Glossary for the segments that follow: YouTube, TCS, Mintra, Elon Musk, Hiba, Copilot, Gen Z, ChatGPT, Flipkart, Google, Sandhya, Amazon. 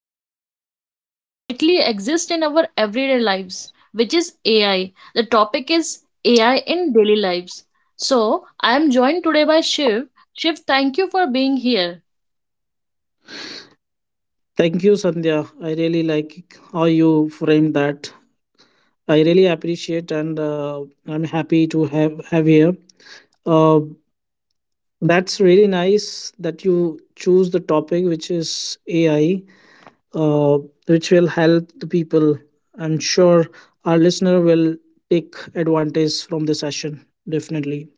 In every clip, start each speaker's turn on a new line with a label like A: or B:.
A: something that quietly exists in our everyday lives, which is AI. The topic is AI in daily lives. So, I am joined today by Shiv. Shiv, thank you for being here.
B: Thank you, Sandhya. I really like how you framed that. I really appreciate and I'm happy to have here. Uh, that's really nice that you choose the topic which is AI, uh, which will help the people. I'm sure our listener will take advantage from the session. Definitely.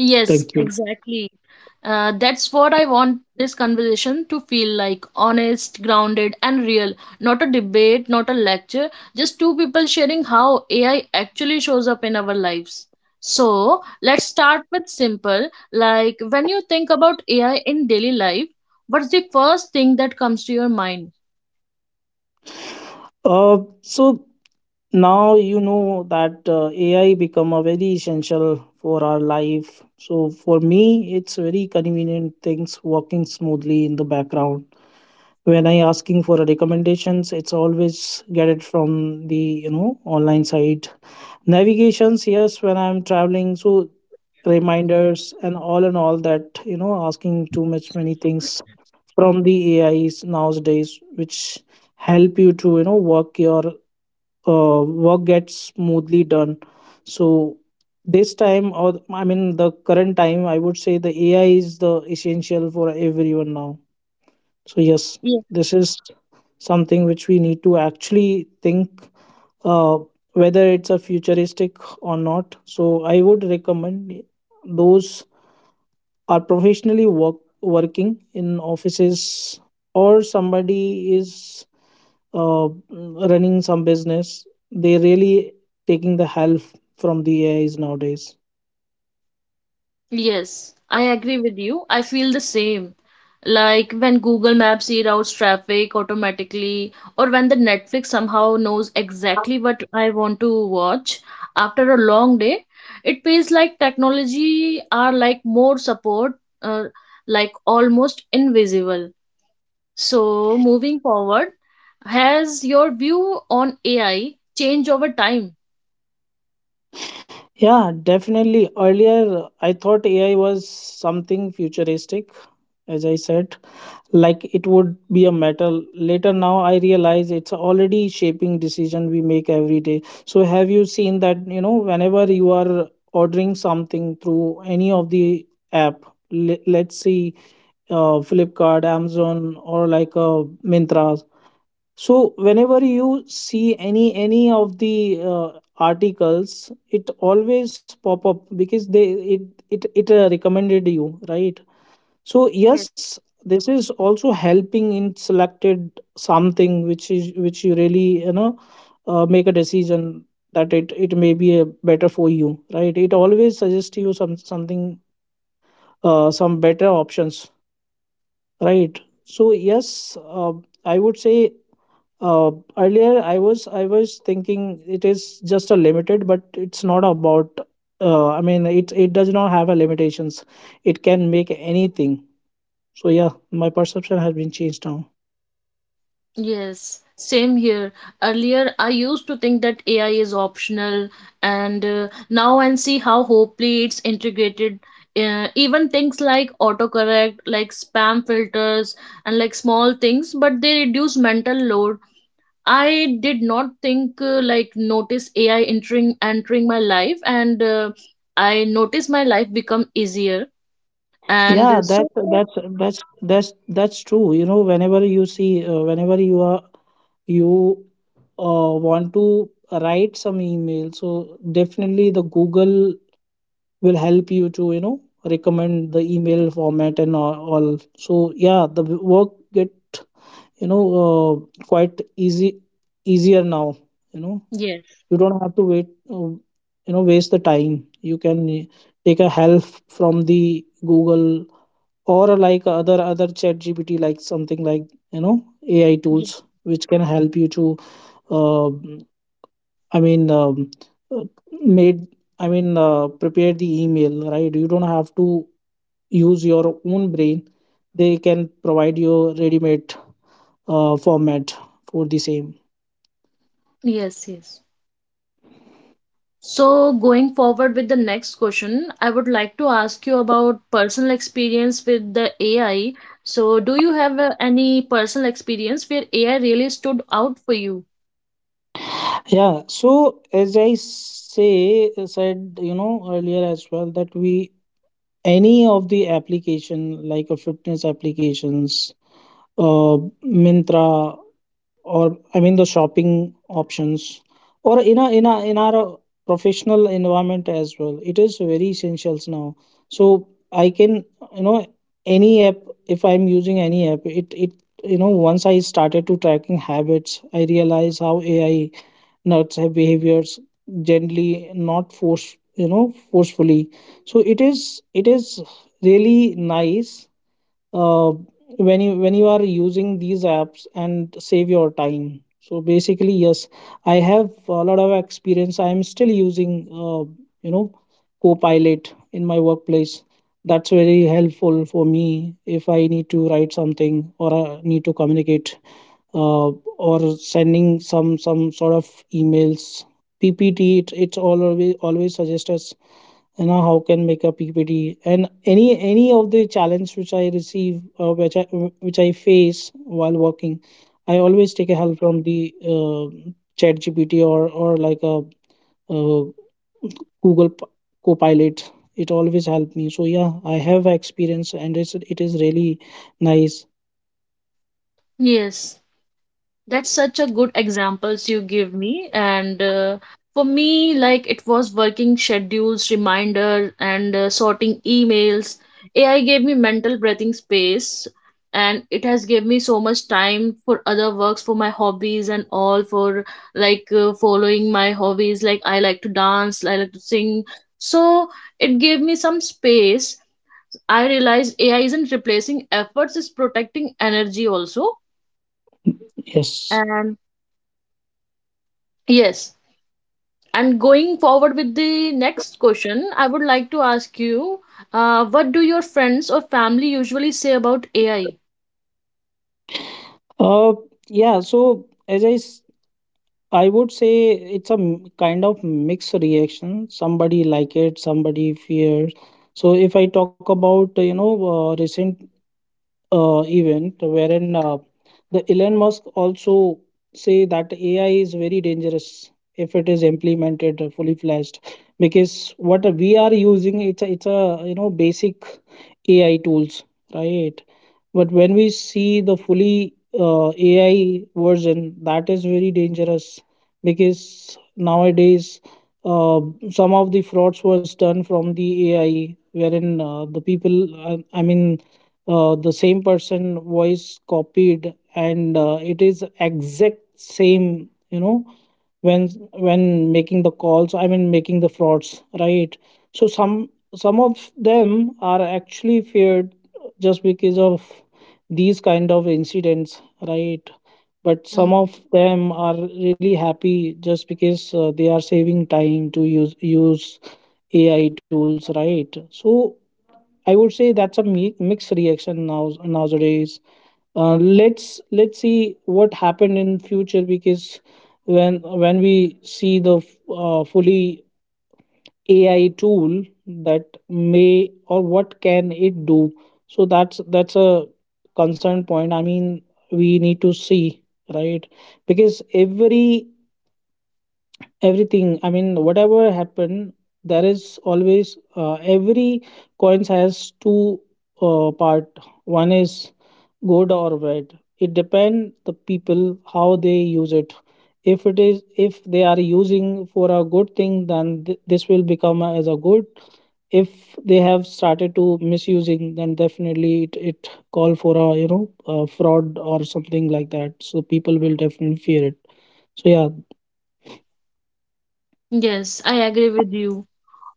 A: Yes,
B: Thank you.
A: exactly. That's what I want this conversation to feel like honest, grounded, and real. Not a debate, not a lecture, just two people sharing how AI actually shows up in our lives. So, let's start with simple. Like, when you think about AI in daily life, what's the first thing that comes to your mind?
B: So now you know that AI become a very essential for our life. So for me, it's very convenient things working smoothly in the background. When I asking for a recommendations, it's always get it from the online site. Navigations, yes, when I'm traveling, so reminders and all that, asking too much many things from the A I's nowadays, which help you to, work your work gets smoothly done. So this time, or I mean, the current time, I would say the AI is the essential for everyone now. So yes, this is something which we need to actually think uh, whether it's a futuristic or not. So I would recommend those are professionally working in offices or somebody is uh, running some business, they really taking the help from the AIs nowadays.
A: Yes, I agree with you. I feel the same. Like when Google Maps reroutes traffic automatically, or when the Netflix somehow knows exactly what I want to watch after a long day, it feels like technology are like more support, uh, like almost invisible. So moving forward, has your view on AI changed over time?
B: Yeah, definitely. Earlier I thought AI was something futuristic, as I said, like it would be a metal later. Now I realize it's already shaping decision we make every day. So have you seen that, you know, whenever you are ordering something through any of the app, let's see, Flipkart, Amazon, or like Mintra. So whenever you see any of the articles, it always pop up because they it it, it recommended you, right? So yes, this is also helping in selected something which is which you really, make a decision that it may be a better for you, right? It always suggests you something, some better options, right? So yes, I would say, uh, earlier I was thinking it is just a limited, but it's not about. I mean, it does not have a limitations. It can make anything. So yeah, my perception has been changed now.
A: Yes, same here. Earlier, I used to think that AI is optional, and now I see how hopefully it's integrated. Even things like autocorrect, like spam filters, and like small things, but they reduce mental load. I did not think like notice AI entering my life, and I noticed my life become easier. And
B: Yeah, that's true. You know, whenever you see, whenever you want to write some email, so definitely the Google will help you to, recommend the email format and all. So yeah, the work get, quite easy easier now. You know.
A: yes,
B: You don't have to wait, um, waste the time. You can, take a help from the Google or, like other ChatGPT like something like, you know AI
A: yes,
B: tools which can help you to, uh, I mean uh, made I mean prepare the email, right? You don't have to use your own brain. They can provide you ready made format for the same.
A: yes, yes. So, going forward with the next question, I would like to ask you about personal experience with the AI. So, do you have any personal experience where AI really stood out for you?
B: Yeah, so as I say said, you know, earlier as well, that we any of the application like a fitness applications, uh, Mintra, or I mean the shopping options, or in a in a in our professional environment as well. It is very essentials now. So I can, you know, any app, if I'm using any app, it you know, once I started to tracking habits, I realize how AI nuts have behaviors gently, not force you know, forcefully. So it is really nice uh, when you are using these apps and save your time. So basically, yes, I have a lot of experience. I am still using, you know Copilot in my workplace. That's very helpful for me if I need to write something or need to communicate, uh, or sending some sort of emails, PPT. It, it's always suggests us, you know, how can make a PPT, and any of the challenge which I which I face while working. I always take a help from the, ChatGPT or like a, uh, Google Copilot. It always help me. So yeah, I have experience and it is really nice.
A: Yes. That's such a good examples you give me. And for me, like it was working schedules, reminder, and sorting emails. AI gave me mental breathing space, and it has gave me so much time for other works, for my hobbies and all, for like following my hobbies. Like I like to dance, I like to sing. So it gave me some space. I realized AI isn't replacing efforts; it's protecting energy also.
B: Yes.
A: And yes. And going forward with the next question, I would like to ask you, what do your friends or family usually say about AI?
B: Uh, yeah, so I would say it's a kind of mixed reaction. Somebody like it, somebody fears. So if I talk about, recent event, wherein the Elon Musk also say that AI is very dangerous if it is implemented fully fledged, because what we are using, it's a, you know, basic AI tools, right? But when we see the fully AI version, that is very dangerous. Because nowadays, uh, some of the frauds was done from the AI, wherein the people I mean, the same person voice copied and, it is exact same, you know, when when making the calls, I mean making the frauds, right? So some of them are actually feared just because of these kind of incidents, right? But some
A: Mm.
B: of them are really happy just because, they are saving time to use AI tools, right? So I would say that's a mixed reaction now nowadays. Let's see what happened in future. Because when when we see the fully AI tool, that may or what can it do. So that's a concern point. I mean, we need to see, right? Because everything, I mean, whatever happened, there is always, every coins has two part. One is good or bad. It depend the people how they use it. If it is, if they are using for a good thing, then this will become as a good. If they have started to misusing, then definitely it call for a, you know, a fraud or something like that. So people will definitely fear it. So yeah.
A: Yes, I agree with you.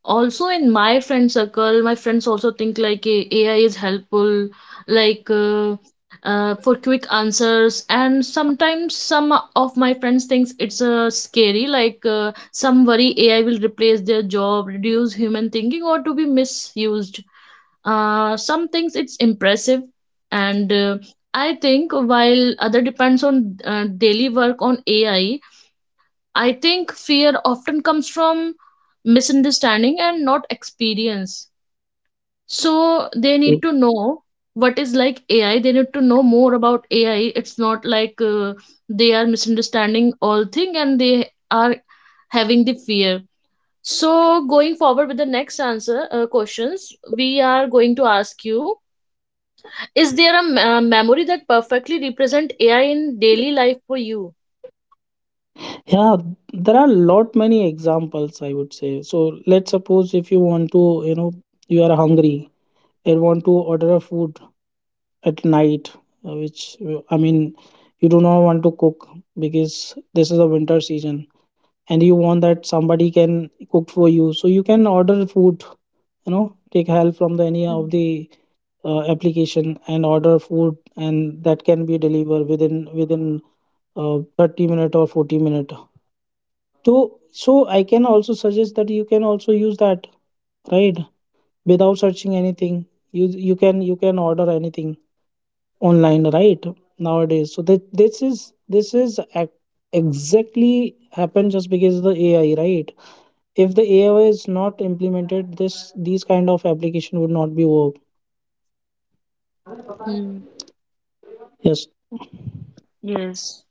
A: Also, in my friend circle, my friends also think like AI is helpful, like for quick answers. And sometimes some of my friends thinks it's scary, like some worry AI will replace their job, reduce human thinking, or to be misused. Some things it's impressive and I think while other depends on daily work on AI. I think fear often comes from misunderstanding and not experience, so they need to know what is like AI. They need to know more about AI. It's not like they are misunderstanding all thing and they are having the fear. So going forward with the next answer questions we are going to ask you, is there a memory that perfectly represent AI in daily life for you?
B: Yeah, there are lot many examples, I would say. So let's suppose, if you want to, you know, you are hungry and want to order a food at night, which I mean, you do not want to cook because this is a winter season, and you want that somebody can cook for you, so you can order food, you know, take help from the any of
A: Mm.
B: the application and order food, and that can be delivered within 30 minute or 40 minute. So, so I can also suggest that you can also use that, right? Without searching anything, you can, you can order anything online, right? Nowadays. So that this is exactly happened just because of the AI, right? If the AI is not implemented, this these kind of application would not be work.
A: Hmm.
B: Yes,
A: Yes.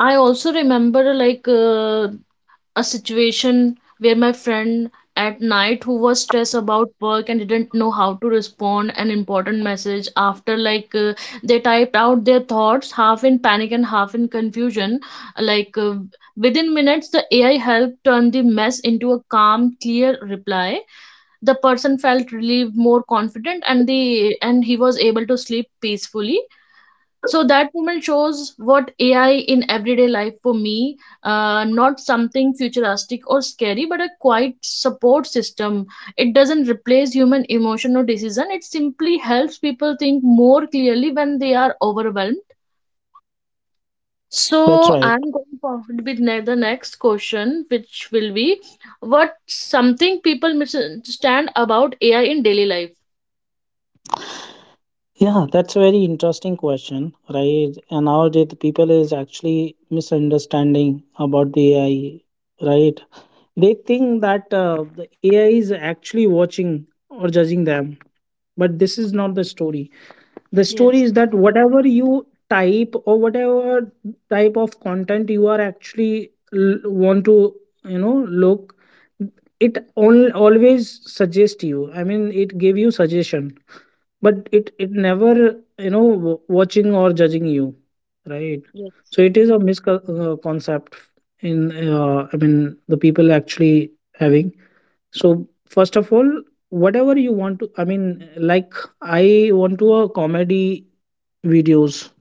A: I also remember like a situation where my friend at night who was stressed about work and didn't know how to respond an important message after like they typed out their thoughts half in panic and half in confusion, like within minutes the AI helped turn the mess into a calm clear reply. The person felt relieved, more confident, and the and he was able to sleep peacefully. So that moment shows what AI in everyday life for me, not something futuristic or scary but a quiet support system. It doesn't replace human emotion or decision, it simply helps people think more clearly when they are overwhelmed.
B: that's
A: So
B: right.
A: I'm going forward with the next question, which will be what something people misunderstand about AI in daily life.
B: Yeah, that's a very interesting question, right? And nowadays, the people is actually misunderstanding about the AI, right? They think that, the AI is actually watching or judging them, but this is not the story. The story
A: Yes,
B: is that whatever you type or whatever type of content you are actually want to, you know, look, it all always suggest you. I mean, it gave you suggestion, but it never, you know, watching or judging you, right?
A: yes,
B: So it is a misconcept in, I mean, the people actually having. So first of all, whatever you want to, I mean, like, I want to, comedy videos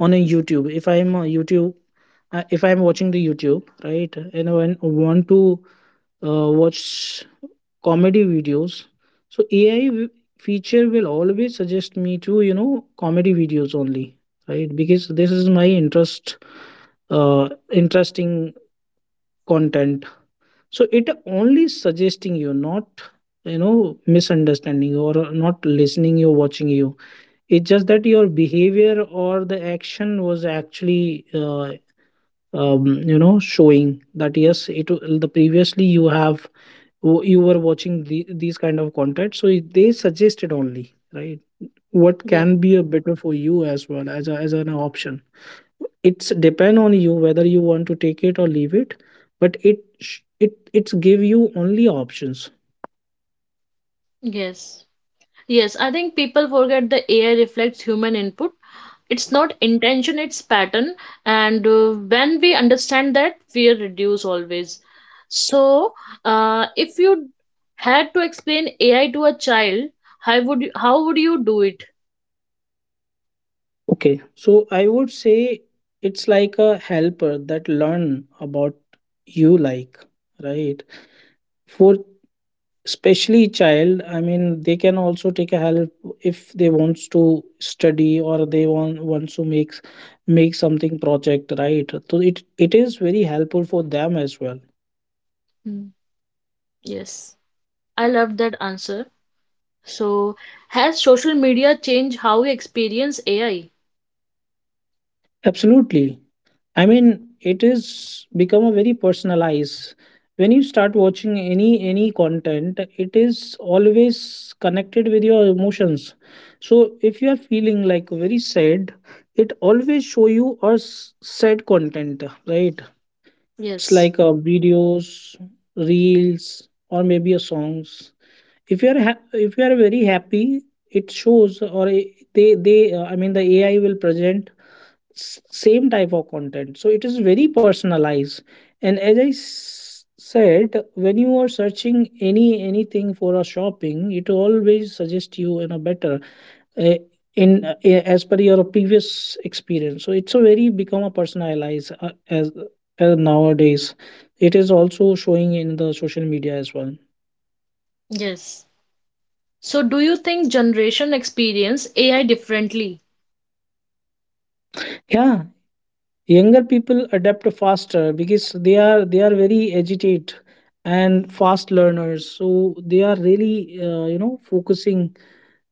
B: on a YouTube, if I am a YouTube, if I am watching the YouTube, right, and I want to watch comedy videos. So AI feature will always suggest me to, you know, comedy videos only, right? Because this is my interest, interesting content. So it only suggesting you, not, you know, misunderstanding or not listening you, watching you. It's just that your behavior or the action was actually. Showing that yes the previously you have you were watching these kind of content, so they suggested only, right? What
A: yes,
B: can be a better for you as well as, as an option. It's depend on you whether you want to take it or leave it, but it sh- it it's give you only options.
A: yes, yes. I think people forget the AI reflects human input. It's not intention, it's pattern. And when we understand that, fear reduce always. So, if you had to explain AI to a child, how would you do it?
B: Okay, so I would say it's like a helper that learn about you, like, right? For especially child, I mean, they can also take a help if they wants to study, or they want wants to make something project, right? So it is very helpful for them as well.
A: Hmm. Yes, I love that answer. So, has social media changed how we experience AI?
B: Absolutely. I mean, it is become a very personalized. When you start watching any content, it is always connected with your emotions. So if you are feeling like very sad, it always show you a sad content, right? It's
A: Yes,
B: like videos, reels, or maybe a songs. If you are very happy, it shows, or I- they I mean, the AI will present same type of content. So it is very personalized. And as I said, when you are searching anything for a shopping, it always suggests you in a better, uh, in as per your previous experience. So it's a very become a personalized, as nowadays it is also showing in the social media as well.
A: yes. So, do you think generation experience AI differently?
B: Yeah, younger people adapt faster because they are very agitated and fast learners. So they are really focusing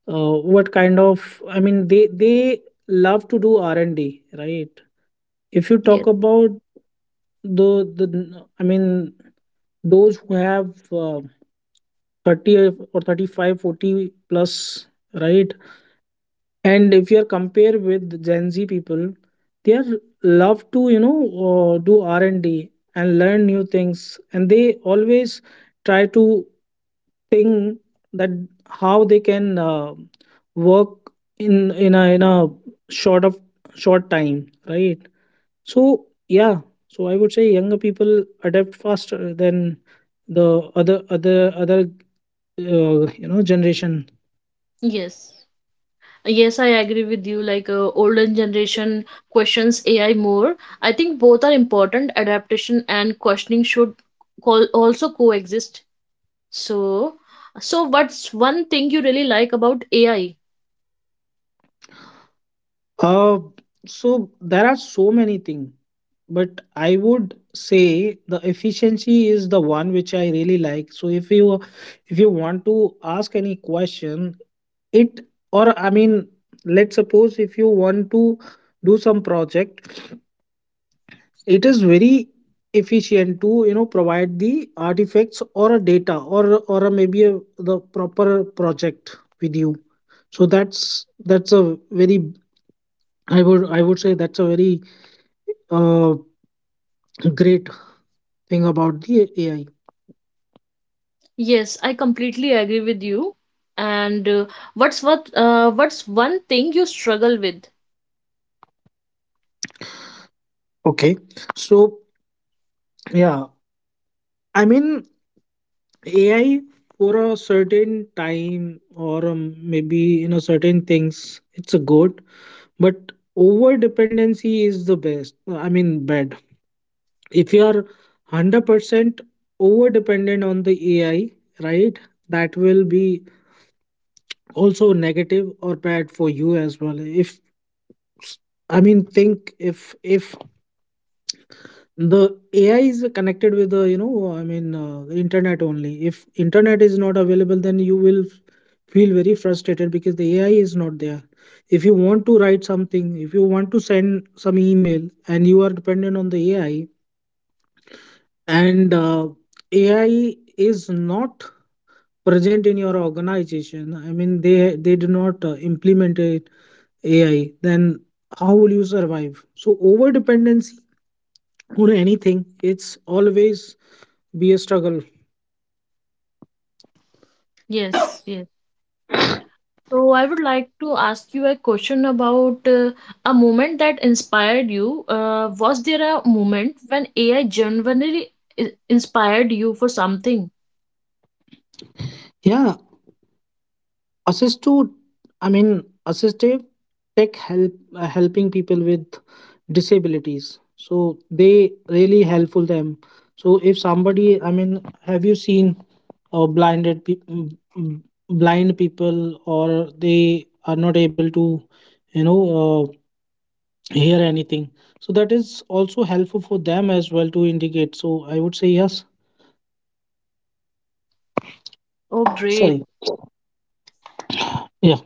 B: what kind of, I mean, they love to do R&D, right? If you
A: Yes.
B: talk about... Though the I mean, those who have 30 or 35, 40 plus, right? And if you are compare with Gen Z people, they are love to do R&D and learn new things, and they always try to think that how they can work in a short of short time, right? So yeah, so I would say younger people adapt faster than the other generation.
A: Yes. Yes, I agree with you. Like older generation questions AI more. I think both are important. Adaptation and questioning should call also coexist. So, so what's one thing you really like about AI?
B: Uh, so there are so many things, but I would say the efficiency is the one which I really like. So if you want to ask any question, it, or I mean, let's suppose if you want to do some project, it is very efficient to provide the artifacts or a data, or the proper project with you. So that's a very, I would say that's a very uh, great thing about the AI.
A: Yes, I completely agree with you. And what's one thing you struggle with?
B: Okay, so yeah, I mean, AI for a certain time, or maybe certain things, it's a good. But over dependency is the best, I mean, bad. If you are 100% over dependent on the AI, right, that will be also negative or bad for you as well. If, I mean, think, if the AI is connected with the, the internet, only if internet is not available, then you will feel very frustrated because the AI is not there. If you want to write something, if you want to send some email, and you are dependent on the AI, and AI is not present in your organization, I mean, they do not implement it, AI, then how will you survive? So over dependency on anything, it's always be a struggle.
A: Yes. Yes. So I would like to ask you a question about a moment that inspired you. Was there a moment when AI genuinely inspired you for something?
B: Yeah, assist to, I mean, assistive tech help, helping people with disabilities. So they really helpful them. So if somebody, I mean, have you seen or blinded pe- mm, mm, blind people, or they are not able to you know uh, hear anything? So that is also helpful for them as well to indicate. So I would say yes.
A: Oh, great.
B: Sorry. Yeah.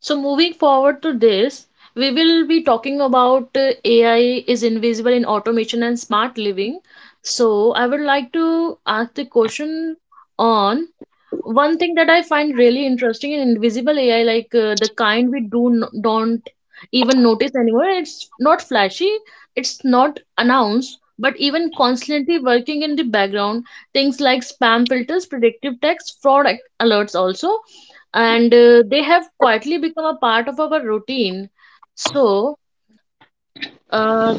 A: So moving forward to this, we will be talking about AI is invisible in automation and smart living. So I would like to ask the question on one thing that I find really interesting in invisible AI, like the kind we do don't even notice anymore. It's not flashy, it's not announced, but even constantly working in the background. Things like spam filters, predictive text, fraud alerts also, and they have quietly become a part of our routine. So uh,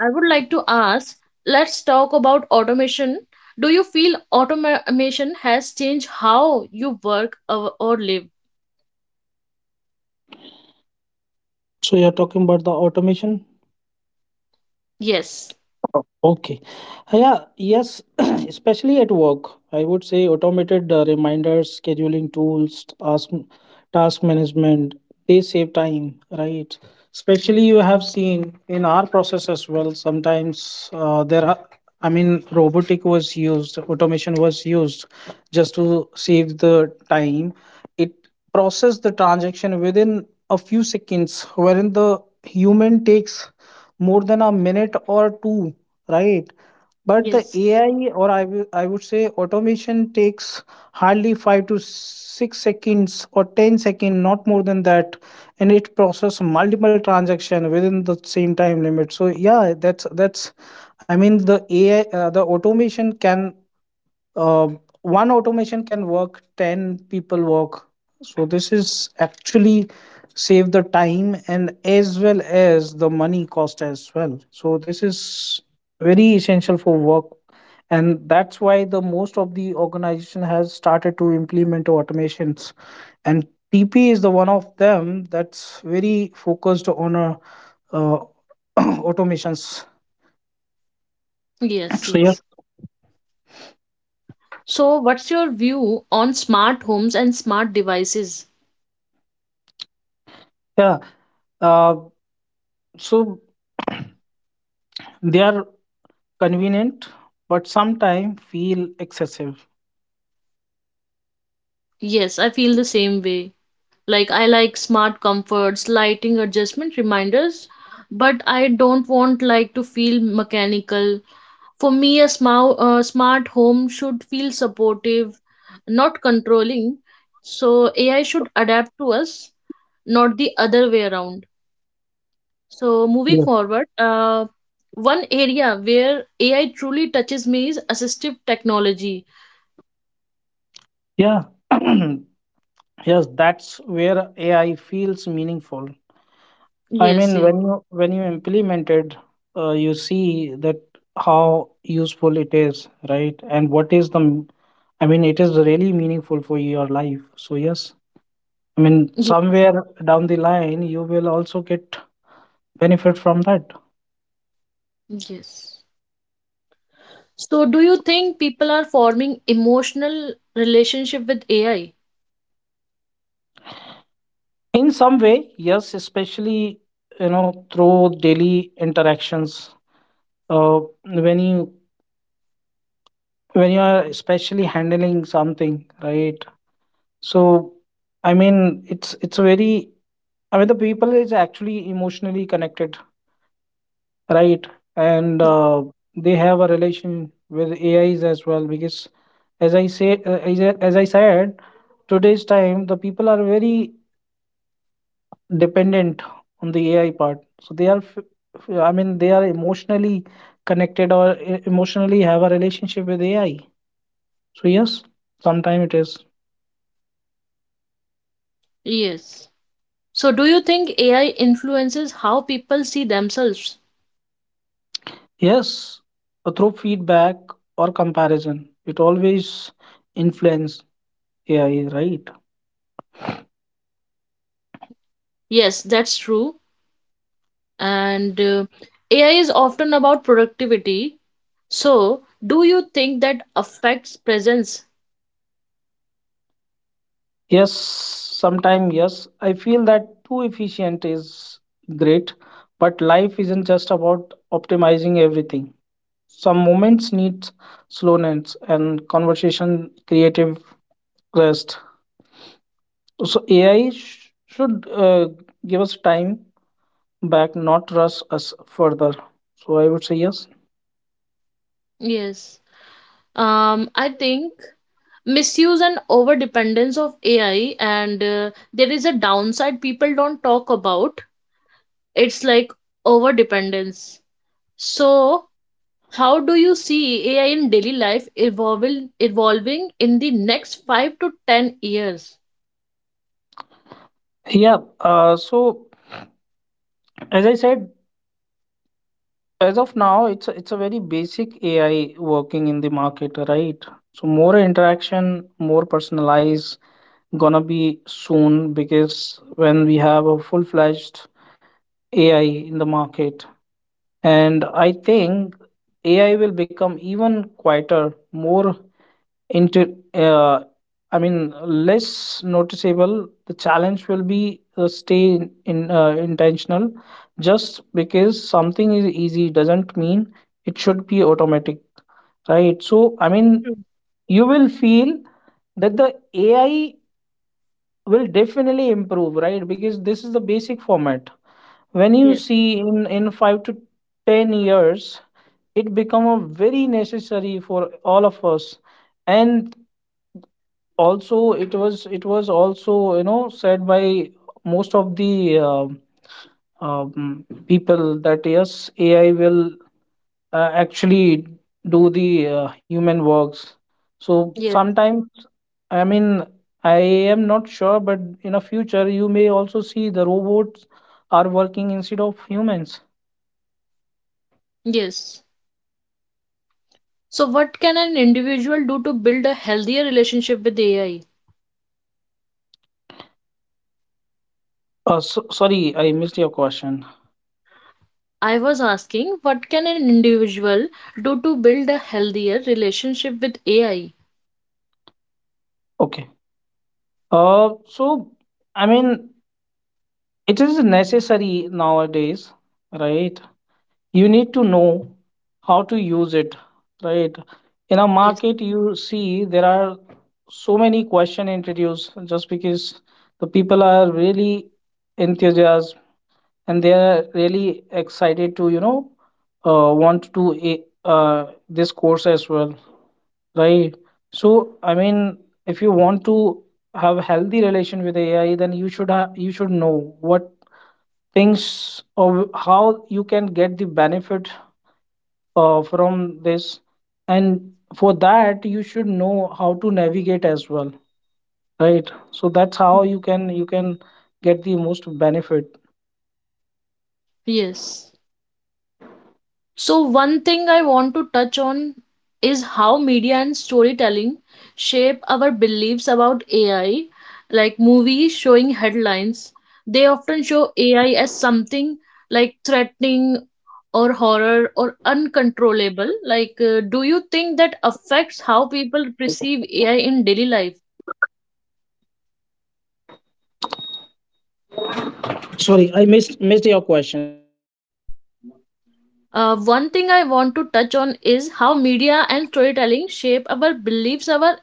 A: I would like to ask, let's talk about automation. Do you feel automation has changed how you work or live?
B: So you're talking about the automation?
A: Yes,
B: Oh, okay. Yeah, yes, especially at work, I would say automated reminders, scheduling tools, task management, they save time, right? Especially you have seen in our process as well, sometimes there are, I mean, robotic was used, automation was used just to save the time. It processed the transaction within a few seconds, wherein the human takes more than a minute or two, right? But the
A: yes,
B: AI, or I would say, automation takes hardly 5 to 6 seconds or 10 second, not more than that. And it process multiple transaction within the same time limit. So yeah, that's I mean, the AI, the automation can, uh, one automation can work 10 people work. So this is actually save the time and as well as the money cost as well. So this is very essential for work. And that's why the most of the organization has started to implement automations. And TP is the one of them that's very focused on uh, automations.
A: yes,
B: So yeah.
A: yes. So, what's your view on smart homes and smart devices?
B: Yeah, uh, so they are convenient but sometimes feel excessive.
A: Yes, I feel the same way. Like, I like smart comforts, lighting adjustment reminders, but I don't want like to feel mechanical. For me, a smart home should feel supportive, not controlling. So AI should adapt to us, not the other way around. So moving
B: Yeah.
A: forward, one area where AI truly touches me is assistive technology.
B: Yeah. Yes, that's where AI feels meaningful. I mean,
A: Yes, yes,
B: when you implement it, you see that how useful it is, right? And what is the m- I mean, it is really meaningful for your life. So yes. I mean,
A: yes,
B: somewhere down the line you will also get benefit from that.
A: yes. So do you think people are forming emotional relationship with AI?
B: In some way, yes, especially you know through daily interactions, when you are especially handling something, right? So I mean, it's a very, I mean, the people is actually emotionally connected, right? And they have a relation with AIs as well, because as I say as, I, as I said, today's time, the people are very dependent on the AI part. So they are I mean, they are emotionally connected, or emotionally have a relationship with AI. So yes, sometimes it is.
A: Yes. So do you think AI influences how people see themselves?
B: Yes, through feedback or comparison, it always influence AI, right?
A: Yes, that's true. And AI is often about productivity. So, do you think that affects presence?
B: Yes, sometimes yes. I feel that too efficient is great, but life isn't just about optimizing everything. Some moments need slowness and conversation creative rest. So AI should give us time back, not rush us further. So I would say yes.
A: Yes. I think misuse and over dependence of AI, and there is a downside people don't talk about. It's like over dependence. So, how do you see AI in daily life evolving in the next 5 to 10 years?
B: Yeah. So as I said, as of now, it's a very basic AI working in the market, right? So more interaction, more personalized, gonna be soon because when we have a full fledged AI in the market. And I think AI will become even quieter, more Into I mean, less noticeable. The challenge will be stay in intentional. Just because something is easy doesn't mean it should be automatic, right? So I mean,
A: True.
B: you will feel that the AI will definitely improve, right? Because this is the basic format. When you
A: Yes.
B: see in 5 to 10 years, it become a very necessary for all of us. And also it was also said by most of the people that yes AI will actually do the human works. So
A: Yes.
B: sometimes, I mean, I am not sure, but in a future you may also see the robots are working instead of humans.
A: Yes. So, what can an individual do to build a healthier relationship with AI?
B: Sorry, I missed your question.
A: I was asking, what can an individual do to build a healthier relationship with AI?
B: Okay, uh so I mean, it is necessary nowadays, right? You need to know how to use it, right? In a
A: Yes.
B: market, you see there are so many question introduced just because the people are really enthusiastic, and they are really excited to want to do this course as well, right? So I mean, if you want to have healthy relation with AI, then you should know what things or how you can get the benefit from this. And for that, you should know how to navigate as well, right? So that's how
A: Mhm.
B: you can get the most benefit.
A: Yes. So, one thing I want to touch on is how media and storytelling shape our beliefs about AI. Like movies showing headlines, they often show AI as something like threatening or horror or uncontrollable, like do you think that affects how people perceive AI in daily life?
B: Sorry, I missed your question. Sorry.
A: One thing I want to touch on is how media and storytelling shape our beliefs our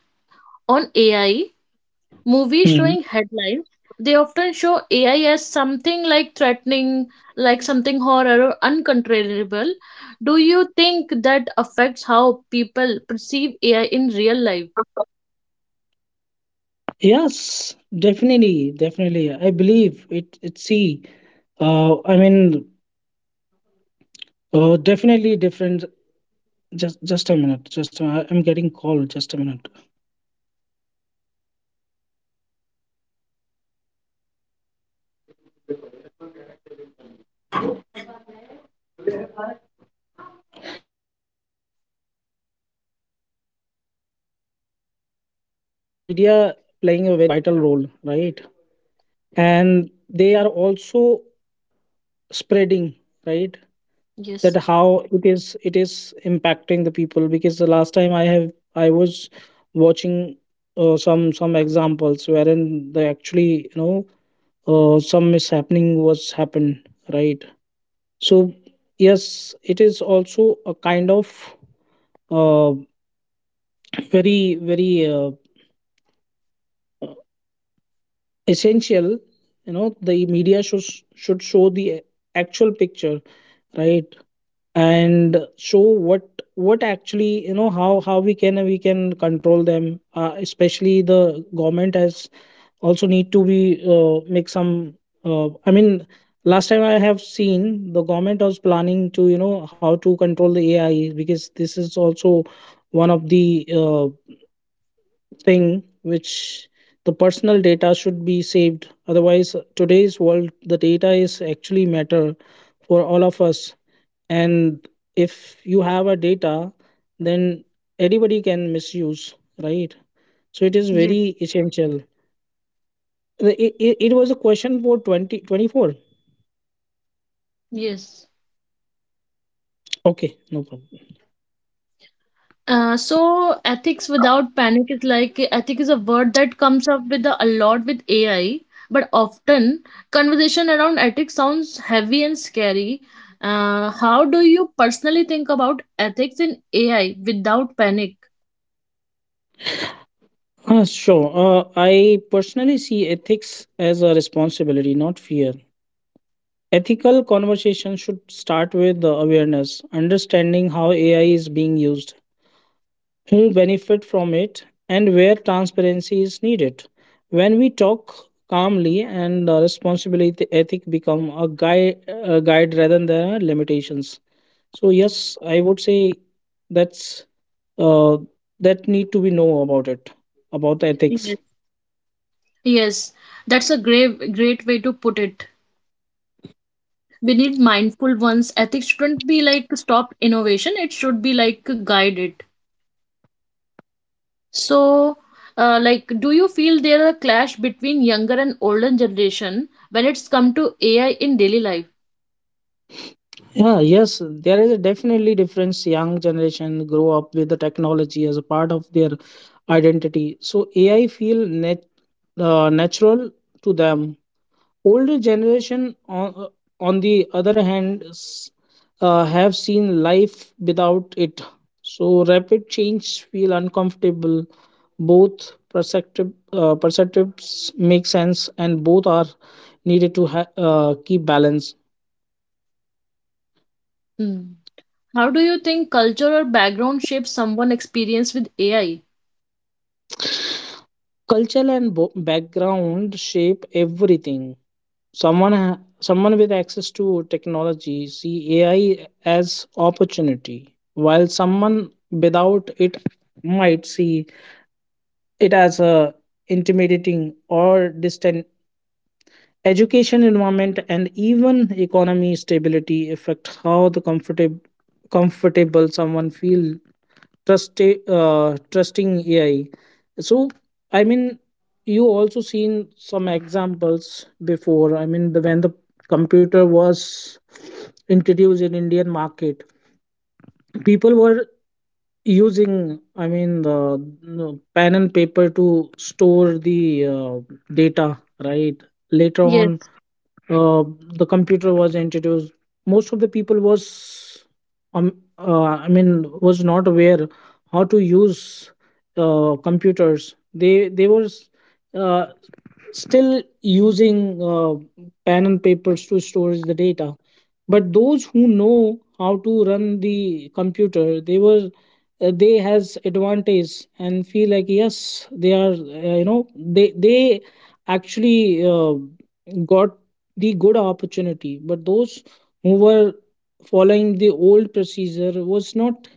A: on AI. Movies
B: Mm.
A: showing headlines, they often show AI as something like threatening, like something horror or uncontrollable. Do you think that affects how people perceive AI in real life?
B: Yes, definitely I believe it it see, I mean, definitely different. Just a minute, I'm getting called. Just a minute. Yes. Yeah. So nowadays media playing a very vital role, right? And they are also spreading, right? That
A: Yes,
B: how it is, impacting the people. Because the last time I was watching some examples wherein the actually, some mishappening was happened, right? So yes, it is also a kind of uh, very very essential. You know, the media should show the actual picture, right? And show what actually, you know, how we can control them. Especially the government has also need to be, make some, I mean, last time I have seen the government was planning to how to control the AI, because this is also one of the thing which the personal data should be saved. Otherwise, today's world, the data is actually matter for all of us. And if you have a data, then anybody can misuse, right? So it is
A: yes,
B: very essential. It was a question for 2024.
A: yes.
B: Okay, no problem.
A: So ethics without panic is like ethic is a word that comes up with a lot with AI, but often conversation around ethics sounds heavy and scary. How do you personally think about ethics in AI without panic?
B: Sure, I personally see ethics as a responsibility, not fear. Ethical conversation should start with the awareness, understanding how AI is being used, who benefit from it, and where transparency is needed. When we talk calmly and responsibility, ethic become a guide rather than a limitations. So yes, I would say that's uh, that need to be know about it, about the ethics.
A: Yes. Yes, that's a great great way to put it. We need mindful ones. Ethics shouldn't be like stop innovation. It should be like guided. So, do you feel there are clash between younger and older generation when it's come to AI in daily life?
B: Yeah, yes, there is a definitely difference. Young generation grow up with the technology as a part of their identity, so AI feel natural to them. Older generation, on the other hand, have seen life without it. So rapid change feel uncomfortable. Both perceptives make sense, and both are needed to keep balance.
A: Hmm. How do you think culture or background shapes someone' experience with AI?
B: Culture and background shape everything. Someone with access to technology see AI as opportunity, while someone without it might see it as a intimidating or distant. Education environment and even economy stability affect how the comfortable someone feel trust trusting AI. So I mean, you also seen some examples before, I mean, the when the computer was introduced in Indian market, people were using, I mean, the no, pen and paper to store the data, right? Later on,
A: Yes,
B: uh, the computer was introduced, most of the people was I mean, was not aware how to use computers. They were uh, still using pen and papers to store the data. But those who know how to run the computer, they has advantage and feel like yes, they are you know they actually got the good opportunity. But those who were following the old procedure was not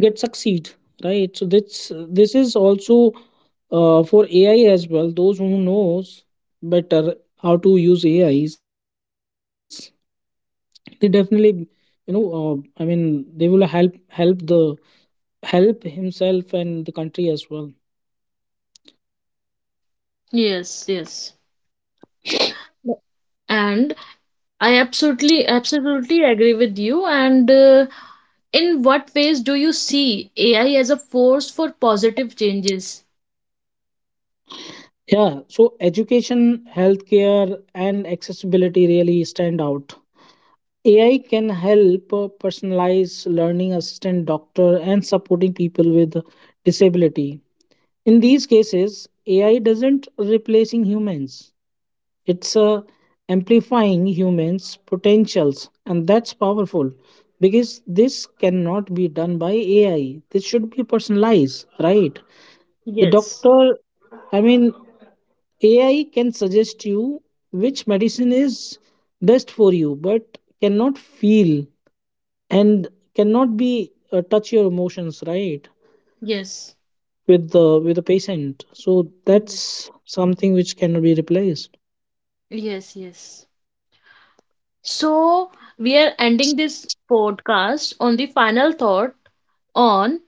B: get succeed, right? So this is also, for AI as well. Those who knows better how to use AIs, they definitely, uh, I mean, they will help the help himself and the country as well.
A: yes, yes. And I absolutely, absolutely agree with you. And in what ways do you see AI as a force for positive changes?
B: Yeah, so education, healthcare, and accessibility really stand out. AI can help personalize learning assistant doctor and supporting people with disability. In these cases, AI doesn't replacing humans. It's amplifying humans' potentials, and that's powerful because this cannot be done by AI. This should be personalized, right? The
A: Yes,
B: doctor, I mean, AI can suggest you which medicine is best for you, but cannot feel and cannot be touch your emotions, right?
A: yes,
B: With the patient, so
A: yes,
B: that's something which cannot be replaced.
A: yes, yes. So, we are ending this podcast on the final thought on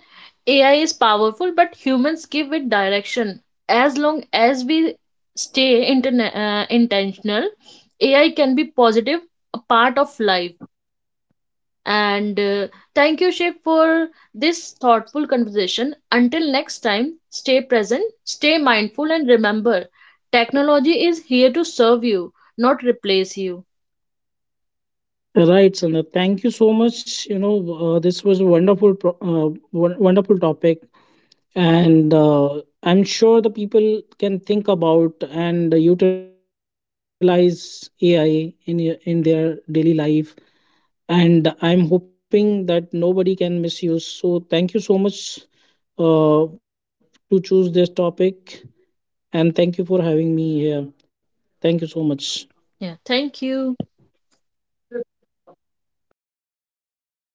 A: AI is powerful, but humans give it direction. As long as we stay intentional, AI can be positive, a part of life. And thank you, Shiv, for this thoughtful conversation. Until next time, stay present, stay mindful, and remember technology is here to serve you, not replace you.
B: Right, Sandra. Thank you so much. You know, this was a wonderful topic, and I'm sure the people can think about and utilize AI in in their daily life. And I'm hoping that nobody can misuse. So thank you so much uh, to choose this topic, and thank you for having me here. Thank you so much.
A: Yeah, thank you.